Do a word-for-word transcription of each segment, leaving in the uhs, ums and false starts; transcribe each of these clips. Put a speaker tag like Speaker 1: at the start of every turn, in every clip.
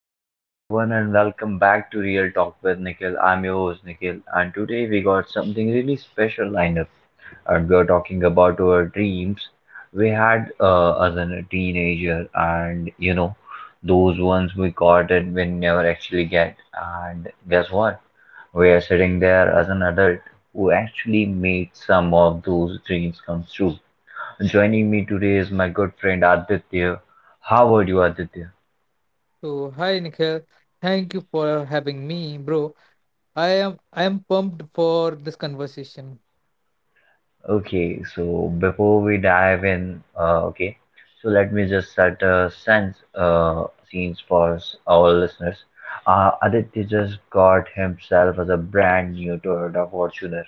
Speaker 1: Hello everyone and welcome back to Real Talk with Nikhil. I'm your host Nikhil, and today we got something really special lined up, and we are talking about our dreams we had uh, as a teenager and you know those ones we got, and we never actually get. And guess what? We are sitting there as an adult who actually made some of those dreams come true. Joining me today is my good friend Aditya. How are you, Aditya?
Speaker 2: So hi Nikhil, thank you for having me, bro. I am I am pumped for this conversation.
Speaker 1: Okay, so before we dive in, uh, okay, so let me just set a sense uh, scenes for s- our listeners. Uh, Aditya just got himself as a brand new Toyota Fortuner,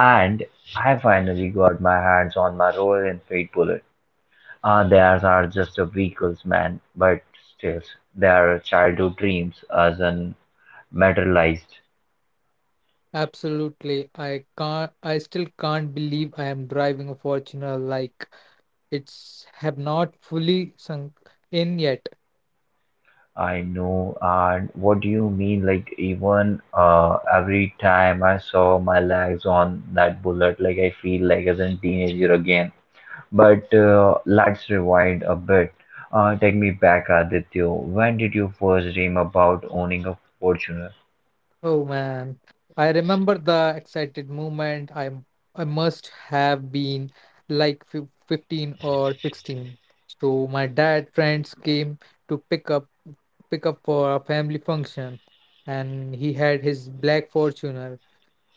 Speaker 1: and I finally got my hands on my Royal Enfield Bullet. Uh, theirs are just a vehicles, man, but still, they are childhood dreams as an materialized.
Speaker 2: Absolutely. I can't I still can't believe I am driving a Fortuner, like it's have not fully sunk in yet.
Speaker 1: I know, and what do you mean? Like, even uh, every time I saw my legs on that bullet, like I feel like as a teenager again. But uh, let's rewind a bit. Uh, take me back, Aditya. When did you first dream about owning a Fortuner?
Speaker 2: Oh man, I remember the excited moment. I am I must have been like fif- fifteen or sixteen. So my dad friends came to pick up pick up for a family function, and he had his black Fortuner.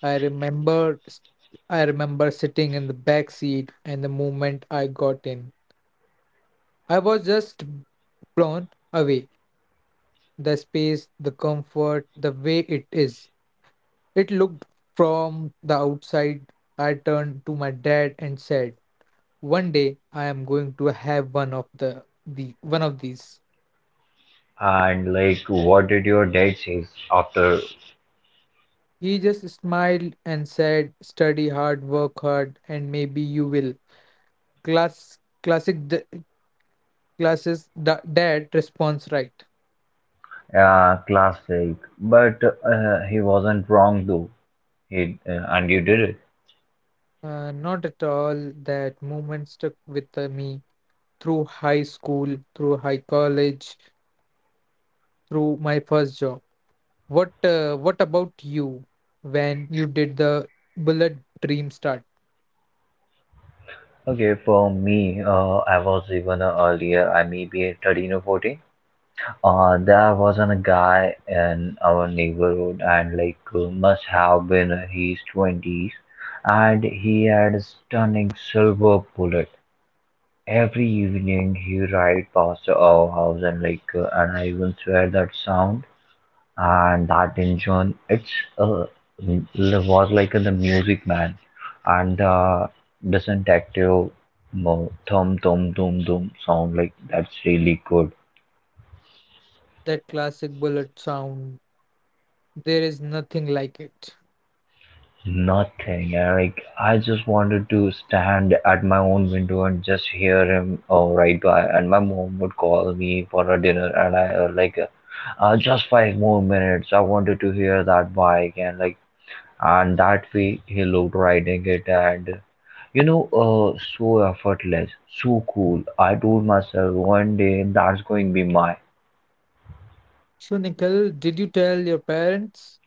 Speaker 2: I remember s- I remember sitting in the back seat, and the moment I got in, I was just blown away. The space, the comfort, the way it is. It looked from the outside. I turned to my dad and said, "One day I am going to have one of the, the one of these."
Speaker 1: And like, what did your dad say after
Speaker 2: He just smiled and said, "Study hard, work hard, and maybe you will." Class Classic d- classes da- dad response, right.
Speaker 1: uh, class? Like, but uh, he wasn't wrong though. He uh, and you did it.
Speaker 2: Uh, not at all. That moment stuck with uh, me through high school, through high college, through my first job. What uh, what about you, when you did the bullet dream start?
Speaker 1: Okay, for me, uh, I was even uh, earlier, I may be thirteen or fourteen. Uh, there was a guy in our neighborhood, and like uh, must have been uh, his twenties, and he had a stunning silver bullet. Every evening, he ride past our house, and like, uh, and I even swear that sound, and that engine it's uh, was like in the music, man, and the disinfective mo- thum thum thum thum sound, like that's really good.
Speaker 2: That classic bullet sound. There is nothing like it.
Speaker 1: Nothing. And like, I just wanted to stand at my own window and just hear him uh, right by. And my mom would call me for a dinner, and I, uh, like, uh, uh, just five more minutes, I wanted to hear that bike. And like, and that way he looked riding it, and you know uh, so effortless, so cool, I told myself one day that's going to be mine.
Speaker 2: So Nikhil, did you tell your parents?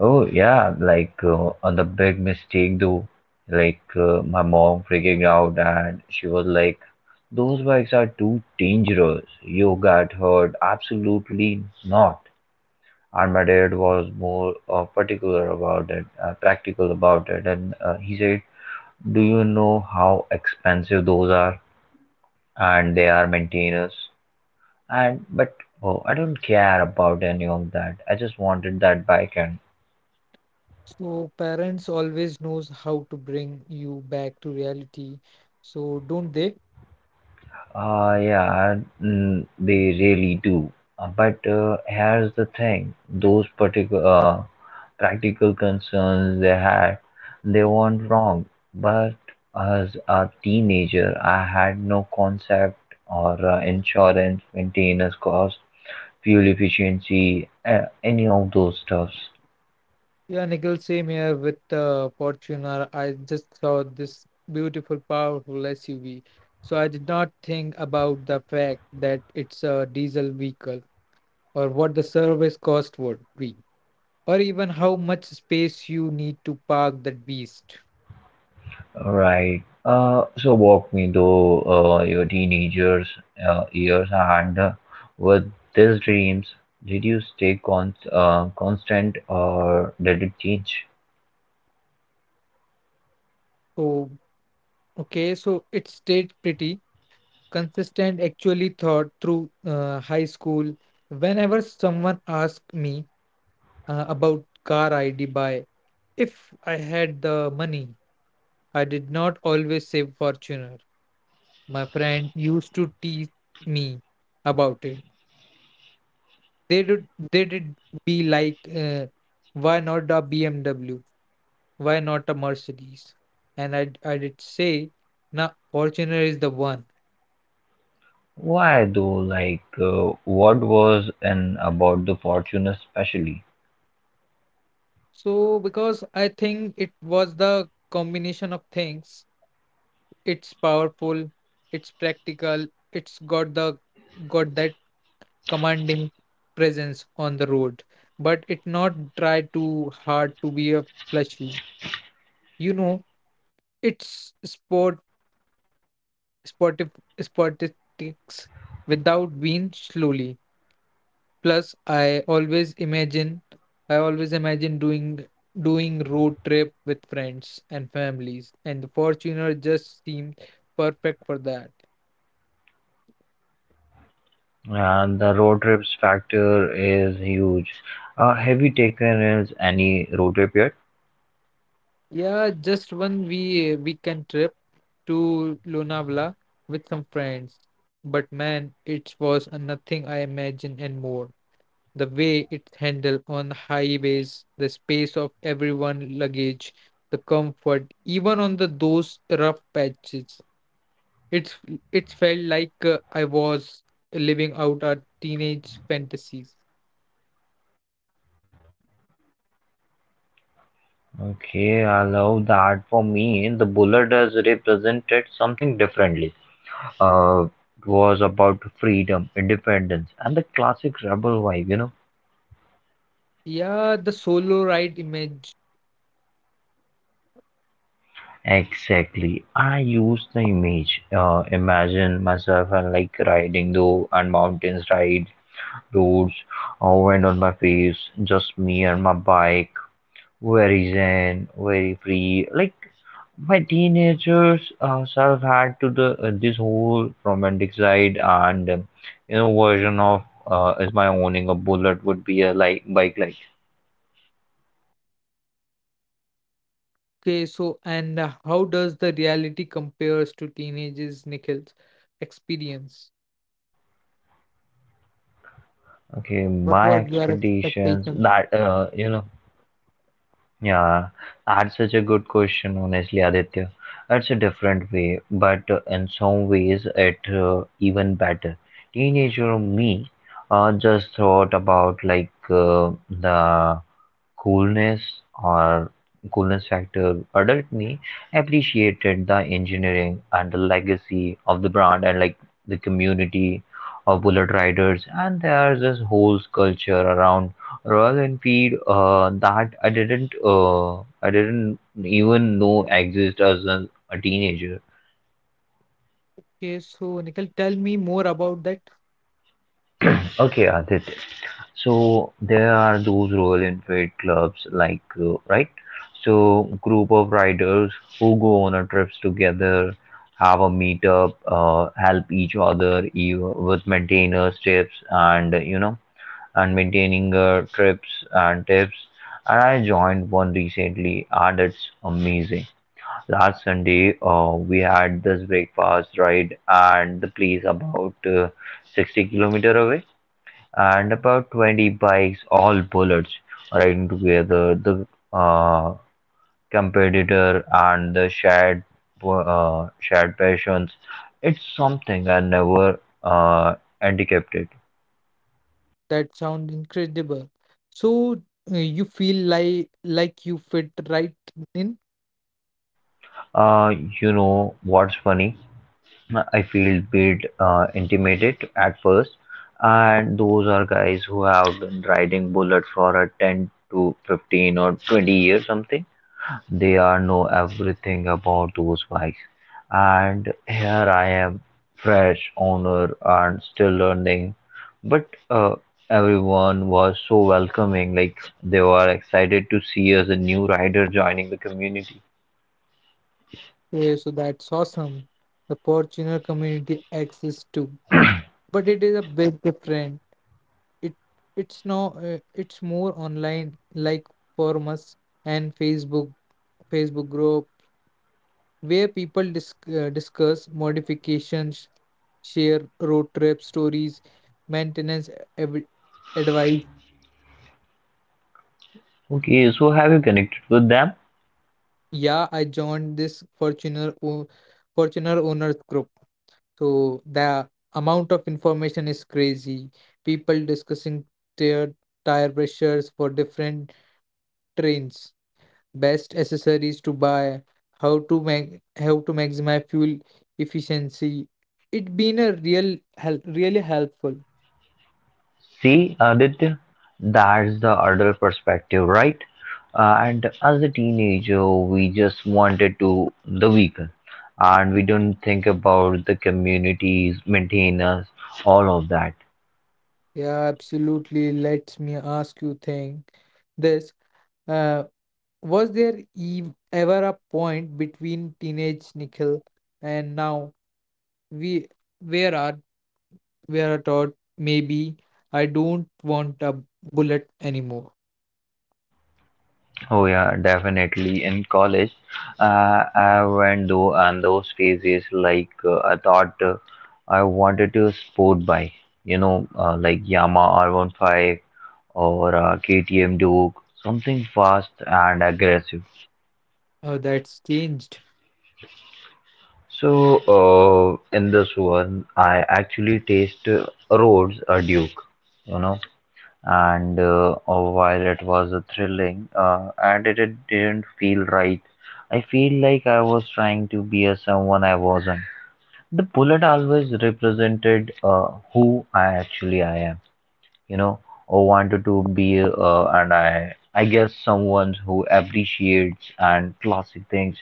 Speaker 1: Oh, yeah, like uh, on the big mistake though. Like, uh, my mom freaking out, and she was like, those bikes are too dangerous, you got hurt, absolutely not. And my dad was more uh, particular about it uh, practical about it, and uh, he said, "Do you know how expensive those are? And they are maintainers." And but oh, I don't care about any of that. I just wanted that bike, and
Speaker 2: So parents always knows how to bring you back to reality. So don't they?
Speaker 1: uh, yeah, mm, they really do. Uh, but uh, here's the thing: those particular uh, practical concerns they had, they weren't wrong. But as a teenager, I had no concept or uh, insurance maintenance cost, fuel efficiency, uh, any of those stuffs.
Speaker 2: Yeah, Nikhil, same here with uh, Fortuner. I just saw this beautiful, powerful S U V. So I did not think about the fact that it's a diesel vehicle, or what the service cost would be, or even how much space you need to park that beast.
Speaker 1: Right. Uh, so walk me through uh, your teenagers uh, years, and uh, with these dreams, did you stay con uh, constant, or did it change?
Speaker 2: So, okay, so it stayed pretty consistent, actually thought through uh, high school. Whenever someone asked me uh, about car I'd buy, if I had the money, I did not always say Fortuner. My friend used to tease me about it. They did, they did be like, uh, why not a B M W? Why not a Mercedes? And I, I did say, now Fortuner is the one.
Speaker 1: Why though? Like, uh, what was in about the fortune especially?
Speaker 2: So, because I think it was the combination of things. It's powerful, it's practical, it's got the got that commanding presence on the road, but it not try too hard to be a flashy. You know, it's sport sportive sportistics without being slowly. Plus, I always imagine I always imagine doing doing road trip with friends and families, and the Fortuner just seemed perfect for that.
Speaker 1: And the road trips factor is huge. Uh, have you taken is any road trip yet?
Speaker 2: Yeah, just one we weekend trip to Lonavala with some friends. But man, it was a nothing I imagined and more. The way it's handled on the highways, the space of everyone luggage, the comfort, even on the those rough patches. It's it felt like uh, I was living out our teenage fantasies.
Speaker 1: Okay, I love that. For me, the bullet has represented something differently. Uh, it was about freedom, independence, and the classic rebel vibe, you know.
Speaker 2: Yeah, the solo ride image.
Speaker 1: Exactly. I use the image. Uh, imagine myself and like riding though and mountains, rides, roads, uh, wind on my face, just me and my bike. Very zen, very free. Like, my teenagers uh, self had to the uh, this whole romantic side, and um, you know version of uh, is my owning a bullet would be a like bike like.
Speaker 2: Okay, so and uh, how does the reality compares to teenagers' Nikhil's experience?
Speaker 1: Okay,
Speaker 2: What
Speaker 1: my
Speaker 2: was your
Speaker 1: expectations
Speaker 2: expectation?
Speaker 1: that uh, you know Yeah, that's such a good question, honestly, Aditya. It's a different way, but uh, in some ways, it uh, even better. Teenager me uh, just thought about like uh, the coolness or coolness factor. Adult me appreciated the engineering and the legacy of the brand, and like the community of bullet riders, and there's this whole culture around Royal Enfield, uh, that I didn't uh, I didn't even know exist as a, a teenager.
Speaker 2: Okay, so Nikhil, tell me more about that.
Speaker 1: Okay, Adit. So there are those royal entry clubs, like, uh, right, so group of riders who go on a trips together, have a meetup, uh, help each other ev- with maintenance tips, and you know, and maintaining uh, trips and tips. And I joined one recently, and it's amazing. Last Sunday, uh, we had this breakfast ride, and the place about uh, sixty kilometer away, and about twenty bikes, all bullets, riding together. The uh, competitor and the shared uh, shared passions. It's something I never uh, anticipated.
Speaker 2: That sounds incredible. So uh, you feel like like you fit right in?
Speaker 1: Uh, you know what's funny? I feel bit uh, intimidated at first, and those are guys who have been riding bullet for a ten to fifteen or twenty years something. They are know everything about those bikes, and here I am, fresh owner and still learning. But uh, everyone was so welcoming, like they were excited to see us a new rider joining the community.
Speaker 2: Yeah, so that's awesome. The Fortuner community exists too. But it is a bit different. It it's now uh, It's more online, like forums and facebook Facebook group, where people disc- uh, discuss modifications, share road trip stories, maintenance uh, ev- advice.
Speaker 1: Okay, so have you connected with them?
Speaker 2: Yeah, I joined this fortuner o- Fortuner owners group. So the amount of information is crazy, people discussing their tire pressures for different trains, best accessories to buy, how to make how to maximize fuel efficiency. It been a real hel really helpful.
Speaker 1: See, Aditya, that's the adult perspective, right? Uh, and as a teenager, we just wanted to the vehicle, and we don't think about the communities, maintenance, all of that.
Speaker 2: Yeah, absolutely. Let me ask you thing. This uh, was there ev ever a point between teenage Nikhil and now we where are where are taught maybe I don't want a bullet anymore.
Speaker 1: Oh yeah, definitely. In college, uh, I went though and those phases, like uh, I thought uh, I wanted to sport bike, you know, uh, like Yamaha R fifteen or uh, K T M Duke, something fast and aggressive.
Speaker 2: Oh, that's changed.
Speaker 1: So, uh, in this one, I actually taste uh, Rhodes, a Duke, you know, and uh, uh, while it was uh, thrilling, uh, and it, it didn't feel right. I feel like I was trying to be a someone I wasn't. The bullet always represented uh, who I actually I am, you know or wanted to be, uh, and i i guess someone who appreciates and classic things,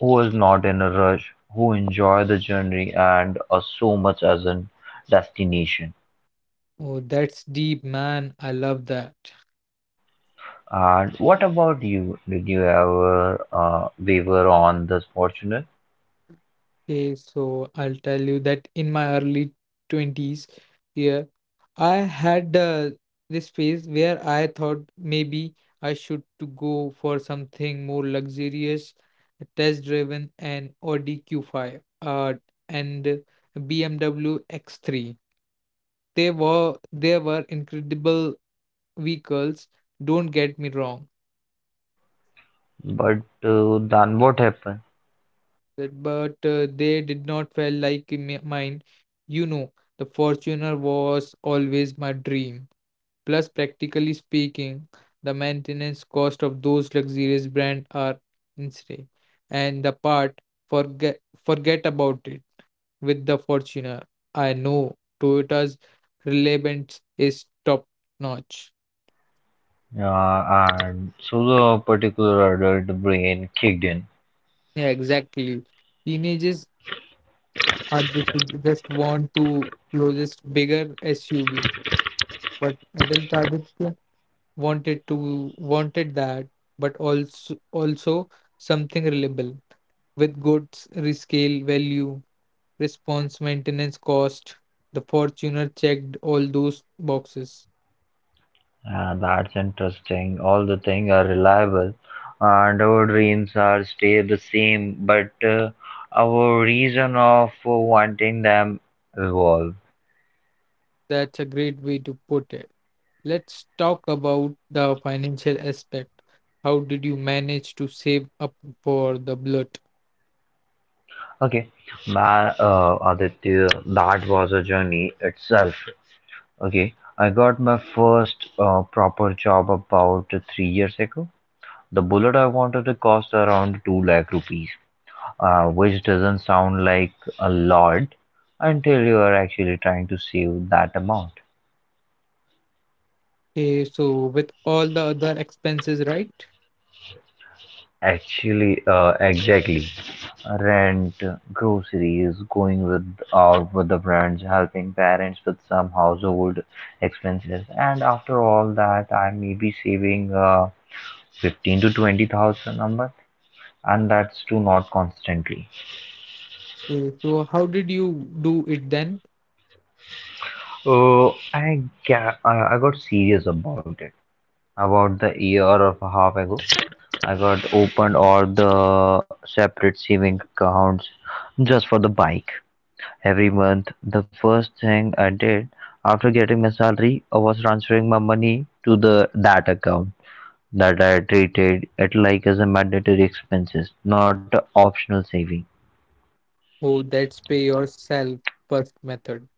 Speaker 1: who is not in a rush, who enjoy the journey, and uh, so much as a destination.
Speaker 2: Oh, that's deep, man. I love that.
Speaker 1: And what about you? Did you ever uh, waver on this fortunate?
Speaker 2: Okay, so I'll tell you that in my early twenties year, I had uh, this phase where I thought maybe I should to go for something more luxurious, test-driven, and Audi Q five, uh, and B M W X three. They were they were incredible vehicles, don't get me wrong,
Speaker 1: But uh, then what happened?
Speaker 2: that but uh, they did not feel like m- mine. You know, the Fortuner was always my dream. Plus, practically speaking, the maintenance cost of those luxurious brands are insane. And the part, forget forget about it. With the Fortuner, I know Toyota's relevance is top notch.
Speaker 1: Uh, and so the particular adult brain kicked in.
Speaker 2: Yeah, exactly. Teenagers are the- just want to closest bigger S U V, but adult Aditya wanted to wanted that, but also also something reliable with good s- rescale value, response maintenance cost. The Fortuner checked all those boxes.
Speaker 1: Uh, that's interesting. All the things are reliable, and our dreams are stay the same, but uh, our reason of wanting them evolve.
Speaker 2: That's a great way to put it. Let's talk about the financial aspect. How did you manage to save up for the blood?
Speaker 1: Okay, my uh, Aditya, that was a journey itself. Okay, I got my first uh, proper job about three years ago. The bullet I wanted to cost around two lakh rupees. uh, which doesn't sound like a lot until you are actually trying to save that amount.
Speaker 2: Okay, so with all the other expenses, right?
Speaker 1: Actually, uh, exactly. Rent, groceries, going with out with the friends, helping parents with some household expenses, and after all that, I may be saving uh, fifteen to twenty thousand a month, and that's to not constantly.
Speaker 2: Okay, so how did you do it then?
Speaker 1: Oh, I ga- I I got serious about it about the year or a half ago. I got opened all the separate saving accounts just for the bike. Every month, the first thing I did after getting my salary I was transferring my money to the that account, that I treated it like as a mandatory expenses, not a optional saving.
Speaker 2: Oh, that's pay yourself first method.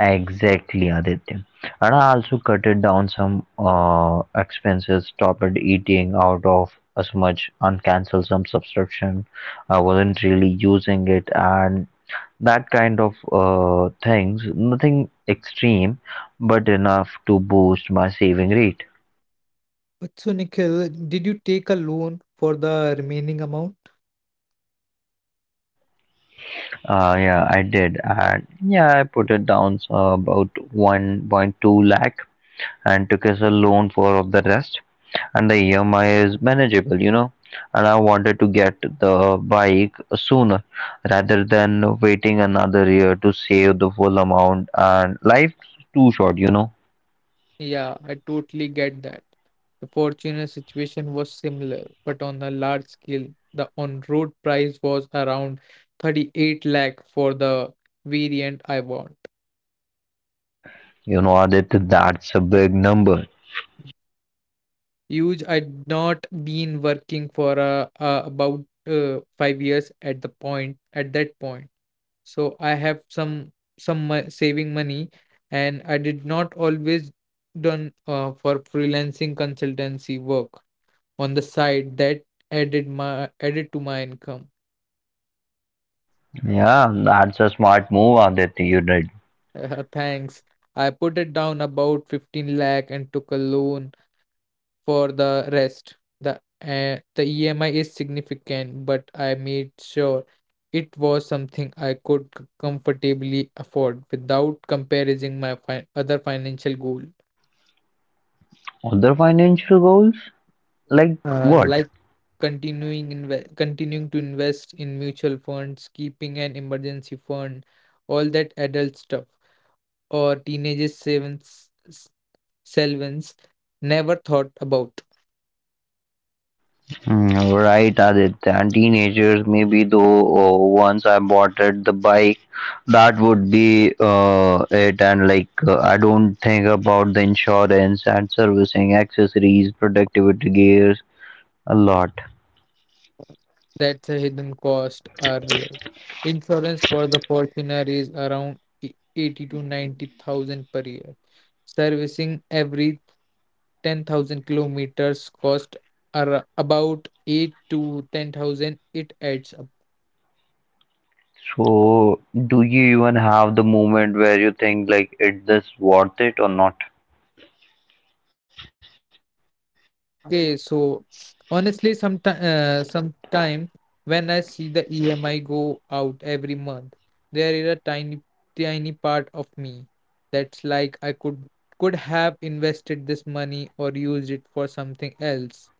Speaker 1: Exactly, Aditya. And I also cut it down some uh, expenses, stopped eating out of as much, and canceled some subscription. I wasn't really using it, and that kind of uh, things, nothing extreme, but enough to boost my saving rate.
Speaker 2: But so, Nikhil, did you take a loan for the remaining amount?
Speaker 1: Uh, yeah, I did, and yeah, I put it down uh, about one point two lakh and took as a loan for of the rest, and the E M I is manageable, you know. And I wanted to get the bike sooner rather than waiting another year to save the full amount, and life's too short, you know.
Speaker 2: Yeah, I totally get that. The Fortuner situation was similar, but on a large scale. The on-road price was around thirty-eight lakh for the variant I want.
Speaker 1: You know, Adit, that's a big number.
Speaker 2: Huge, I'd not been working for uh, uh, about uh, five years at the point at that point. So I have some some mo- saving money, and I did not always done uh, for freelancing consultancy work on the side that added my added to my income.
Speaker 1: Yeah, that's a smart move, Aditya. You did.
Speaker 2: Uh, thanks. I put it down about fifteen lakh and took a loan for the rest. the uh, the EMI is significant, but I made sure it was something I could c- comfortably afford without comparing my fi- other financial goal.
Speaker 1: Other financial goals? Like
Speaker 2: Uh,
Speaker 1: what?
Speaker 2: like continuing inve- continuing to invest in mutual funds, keeping an emergency fund, all that adult stuff or teenagers savings s- savings never thought about.
Speaker 1: Mm, right, Aditya. And teenagers, maybe though, uh, once I bought it, the bike, that would be uh, it. And like, uh, I don't think about the insurance and servicing, accessories, productivity gears, a lot.
Speaker 2: That's a hidden cost are real. Insurance for the Fortuner is around e- eighty to ninety thousand per year. Servicing every ten thousand kilometers cost are about eight to ten thousand. It adds up.
Speaker 1: So, do you even have the moment where you think, like, is this worth it or not?
Speaker 2: Okay, so honestly, sometime uh, sometime when I see the E M I go out every month, there is a tiny tiny part of me that's like I could could have invested this money or used it for something else.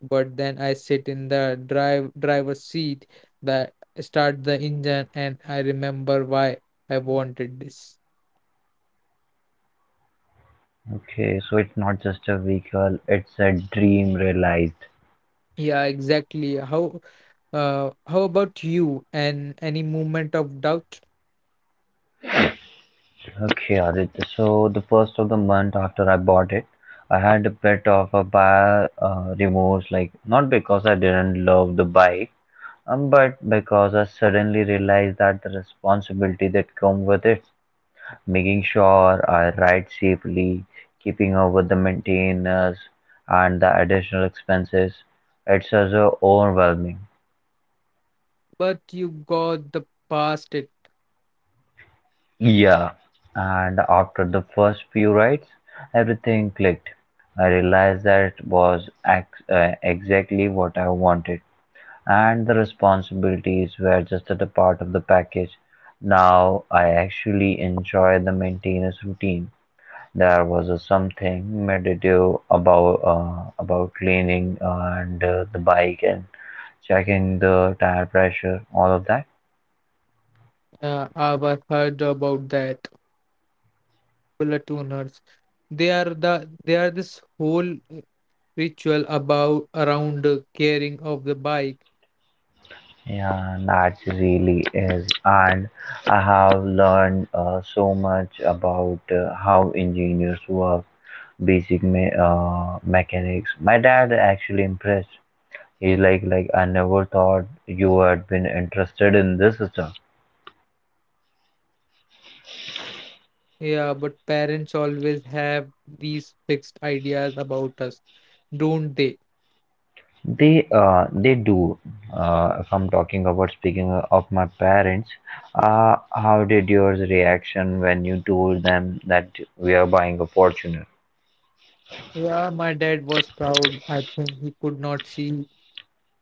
Speaker 2: But then I sit in the drive driver's seat, that start the engine, and I remember why I wanted this.
Speaker 1: Okay, so it's not just a vehicle, it's a dream realized.
Speaker 2: Yeah, exactly. How uh, how about you, and any moment of doubt?
Speaker 1: Okay, Aditya. So the first of the month after I bought it, I had a bit of a buyer uh, remorse. Like, not because I didn't love the bike, um, but because I suddenly realized that the responsibility that come with it, making sure I ride safely, keeping up with the maintenance and the additional expenses, it's also overwhelming.
Speaker 2: But you got the past it.
Speaker 1: Yeah, and after the first few rides, everything clicked. I realized that was ex- uh, exactly what I wanted, and the responsibilities were just at a part of the package. Now I actually enjoy the maintenance routine. There was a something meditative about uh, about cleaning uh, and uh, the bike and checking the tire pressure, all of that.
Speaker 2: Uh, I've heard about that. Platooners. They are the they are this whole ritual about around uh, caring of the bike.
Speaker 1: Yeah, that really is. And I have learned uh, so much about uh, how engineers work, basic me- uh, mechanics. My dad actually impressed. He's like, like I never thought you had been interested in this stuff.
Speaker 2: Yeah, but parents always have these fixed ideas about us, don't they?
Speaker 1: They uh, they do. Uh, if I'm talking about speaking of my parents, uh, how did yours reaction when you told them that we are buying a Fortuner?
Speaker 2: Yeah, my dad was proud. I think he could not see.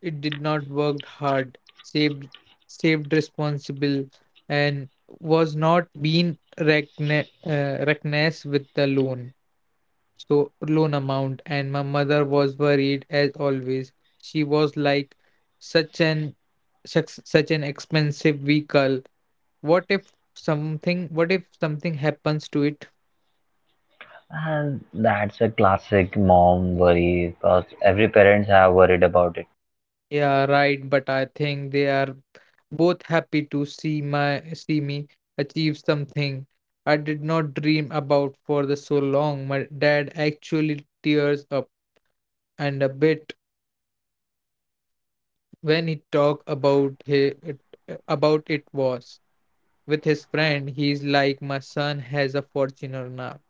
Speaker 2: It did not worked hard, saved saved responsible, and was not being recogni- uh, recognized with the loan. So loan amount, and my mother was worried as always. She was like, such an such, such an expensive vehicle. What if something? What if something happens to it?
Speaker 1: And that's a classic mom worry because every parents have worried about it.
Speaker 2: Yeah, right. But I think they are both happy to see my see me achieve something I did not dream about for the so long. My dad actually tears up and a bit when he talk about he, it, about it was with his friend. He's like, my son has a Fortuner now.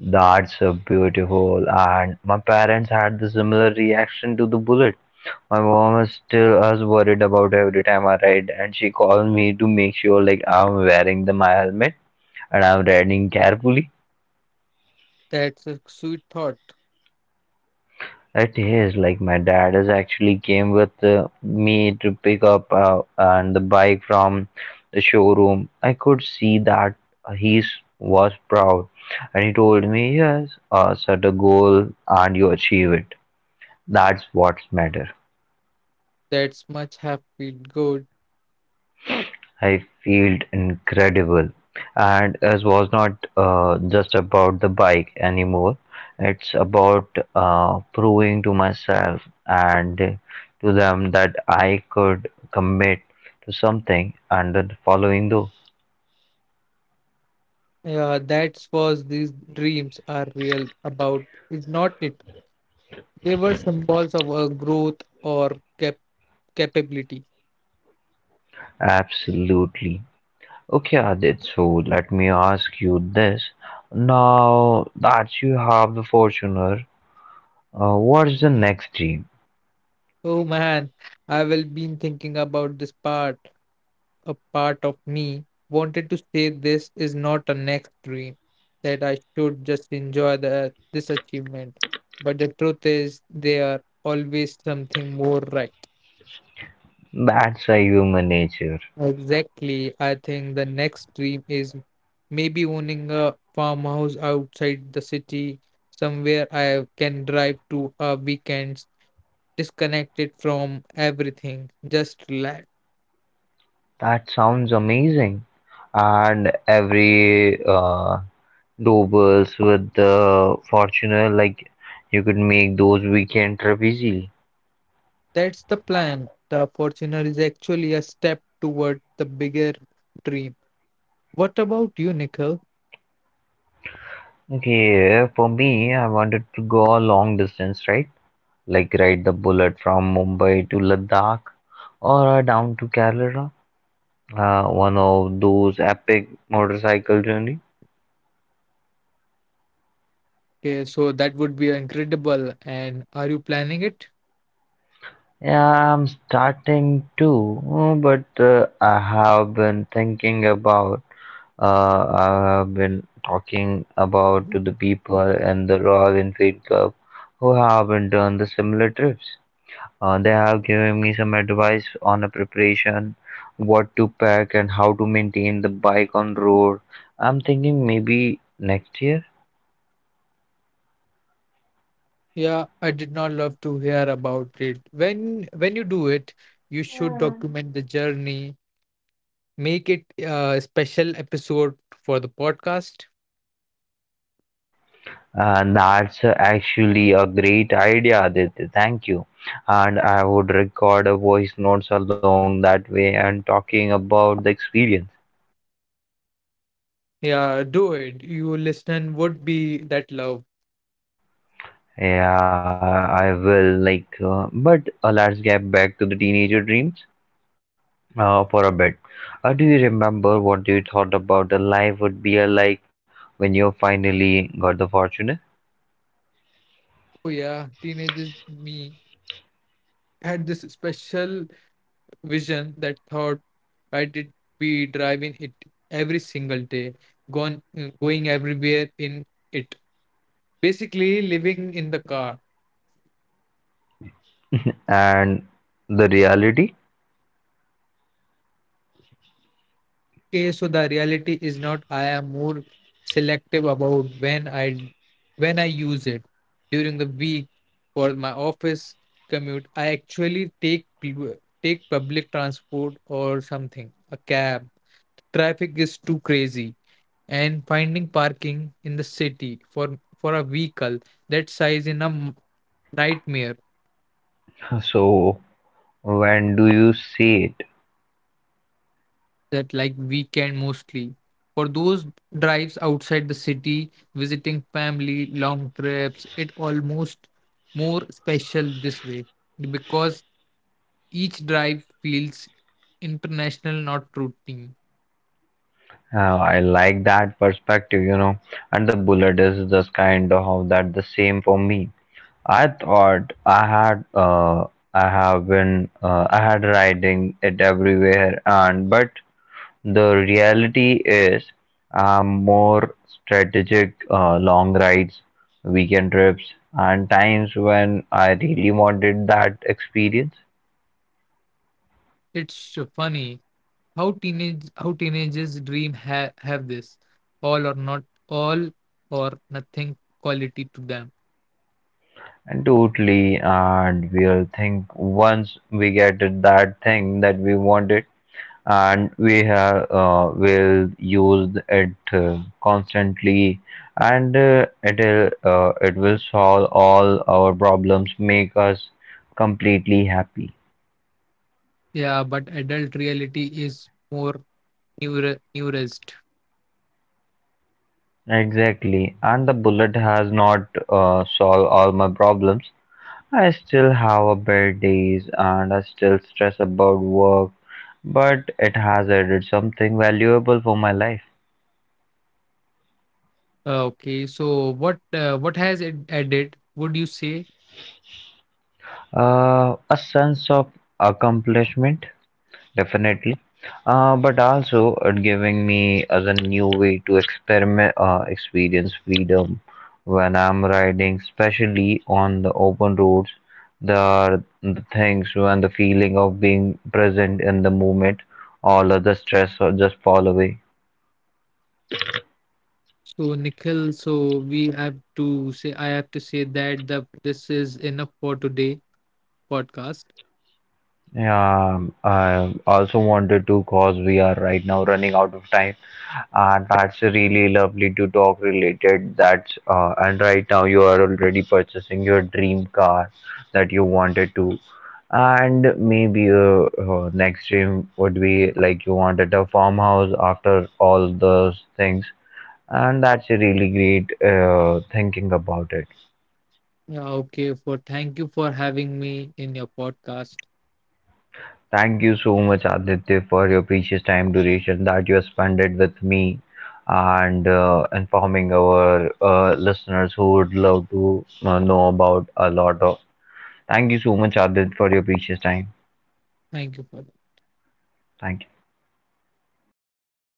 Speaker 1: That's so beautiful. And my parents had the similar reaction to the bullet. My mom is still as worried about every time I ride, and she calls me to make sure like I'm wearing the my helmet and I'm riding carefully.
Speaker 2: That's a sweet thought.
Speaker 1: It is like my dad is actually came with uh, me to pick up uh, and the bike from the showroom. I could see that he was proud, and he told me, "Yes, uh, set a goal and you achieve it. That's what's matter."
Speaker 2: That's much happy good.
Speaker 1: I felt incredible. And it was not uh, just about the bike anymore. It's about uh, proving to myself and to them that I could commit to something and then following though.
Speaker 2: Yeah, that's was these dreams are real about. Is not it? They were symbols of her growth or cap- capability.
Speaker 1: Absolutely. Okay, Adit, so let me ask you this. Now that you have the Fortuner, uh, what's the next dream?
Speaker 2: Oh man, I will been thinking about this part. A part of me wanted to say this is not a next dream, that I should just enjoy the, this achievement. But the truth is, there are always something more right.
Speaker 1: That's a human nature.
Speaker 2: Exactly. I think the next dream is maybe owning a farmhouse outside the city, somewhere I can drive to a weekend, disconnected from everything, just relax.
Speaker 1: That sounds amazing. And every uh, doubles with the Fortuner, like you could make those weekend trip easily.
Speaker 2: That's the plan. The Fortuner is actually a step toward the bigger dream. What about you, Nikhil?
Speaker 1: Okay, for me, I wanted to go a long distance, right? Like ride the bullet from Mumbai to Ladakh or uh, down to Kerala. Uh, one of those epic motorcycle journeys.
Speaker 2: Okay, so that would be incredible. And are you planning it?
Speaker 1: Yeah, I'm starting too, mm, but uh, I have been thinking about, uh, I have been talking about to the people in the Royal Enfield Club who haven't done the similar trips. Uh, they have given me some advice on a preparation, what to pack, and how to maintain the bike on road. I'm thinking maybe next year.
Speaker 2: Yeah, I did not love to hear about it. When when you do it, you should document the journey. Make it a special episode for the podcast.
Speaker 1: And that's actually a great idea, Aditya. Thank you. And I would record a voice notes along that way and talking about the experience.
Speaker 2: Yeah, do it. You listen would be that love.
Speaker 1: Yeah, I will. Like, uh, but uh, Let's get back to the teenager dreams uh, for a bit. Uh, do you remember what you thought about the life would be uh, like when you finally got the fortune
Speaker 2: Oh yeah, teenagers me had this special vision, that thought I did be driving it every single day, gone going everywhere in it. Basically, living in the car.
Speaker 1: and the reality?
Speaker 2: Okay, so the reality is not I am more selective about when I when I use it during the week for my office commute. I actually take pub- take public transport or something, a cab. Traffic is too crazy, and finding parking in the city for for a vehicle that size in a m- nightmare.
Speaker 1: So, when do you see it?
Speaker 2: That like weekend mostly, for those drives outside the city, visiting family, long trips, it almost more special this way, because each drive feels international, not routine.
Speaker 1: Uh, I like that perspective, you know. And the bullet is just kind of how that the same for me. I thought I had uh I have been uh, I had riding it everywhere and but the reality is um more strategic uh, long rides, weekend trips and times when I really wanted that experience.
Speaker 2: It's funny, how teenage how teenagers dream ha have this all or not all or nothing quality to them.
Speaker 1: Totally, and we'll think once we get that thing that we wanted, and we have uh, will use it uh, constantly, and uh, it'll uh, it will solve all our problems, make us completely happy.
Speaker 2: Yeah, but adult reality is more neuro neurist.
Speaker 1: Exactly, and the bullet has not uh, solved all my problems, I still have a bad days and I still stress about work, but it has added something valuable for my life.
Speaker 2: Uh, okay, so what uh, what has it added, would you say?
Speaker 1: Uh, a sense of accomplishment, definitely. Uh, but also it giving me as a new way to experiment, uh, experience freedom when I'm riding, especially on the open roads. There are the things when the feeling of being present in the moment, all other stress or just fall away.
Speaker 2: So Nikhil, so we have to say I have to say that the this is enough for today podcast.
Speaker 1: Yeah, um, I also wanted to cause we are right now running out of time, and that's really lovely to talk related. That's uh, And right now you are already purchasing your dream car that you wanted to, and maybe uh, uh, next dream would be like you wanted a farmhouse after all those things, and that's a really great uh, thinking about it.
Speaker 2: Yeah, okay, for thank you for having me in your podcast.
Speaker 1: Thank you so much, Aditya, for your precious time duration that you have spent it with me and uh, informing our uh, listeners who would love to uh, know about a lot of. Thank you so much, Aditya, for your precious time.
Speaker 2: Thank you for
Speaker 1: Thank you.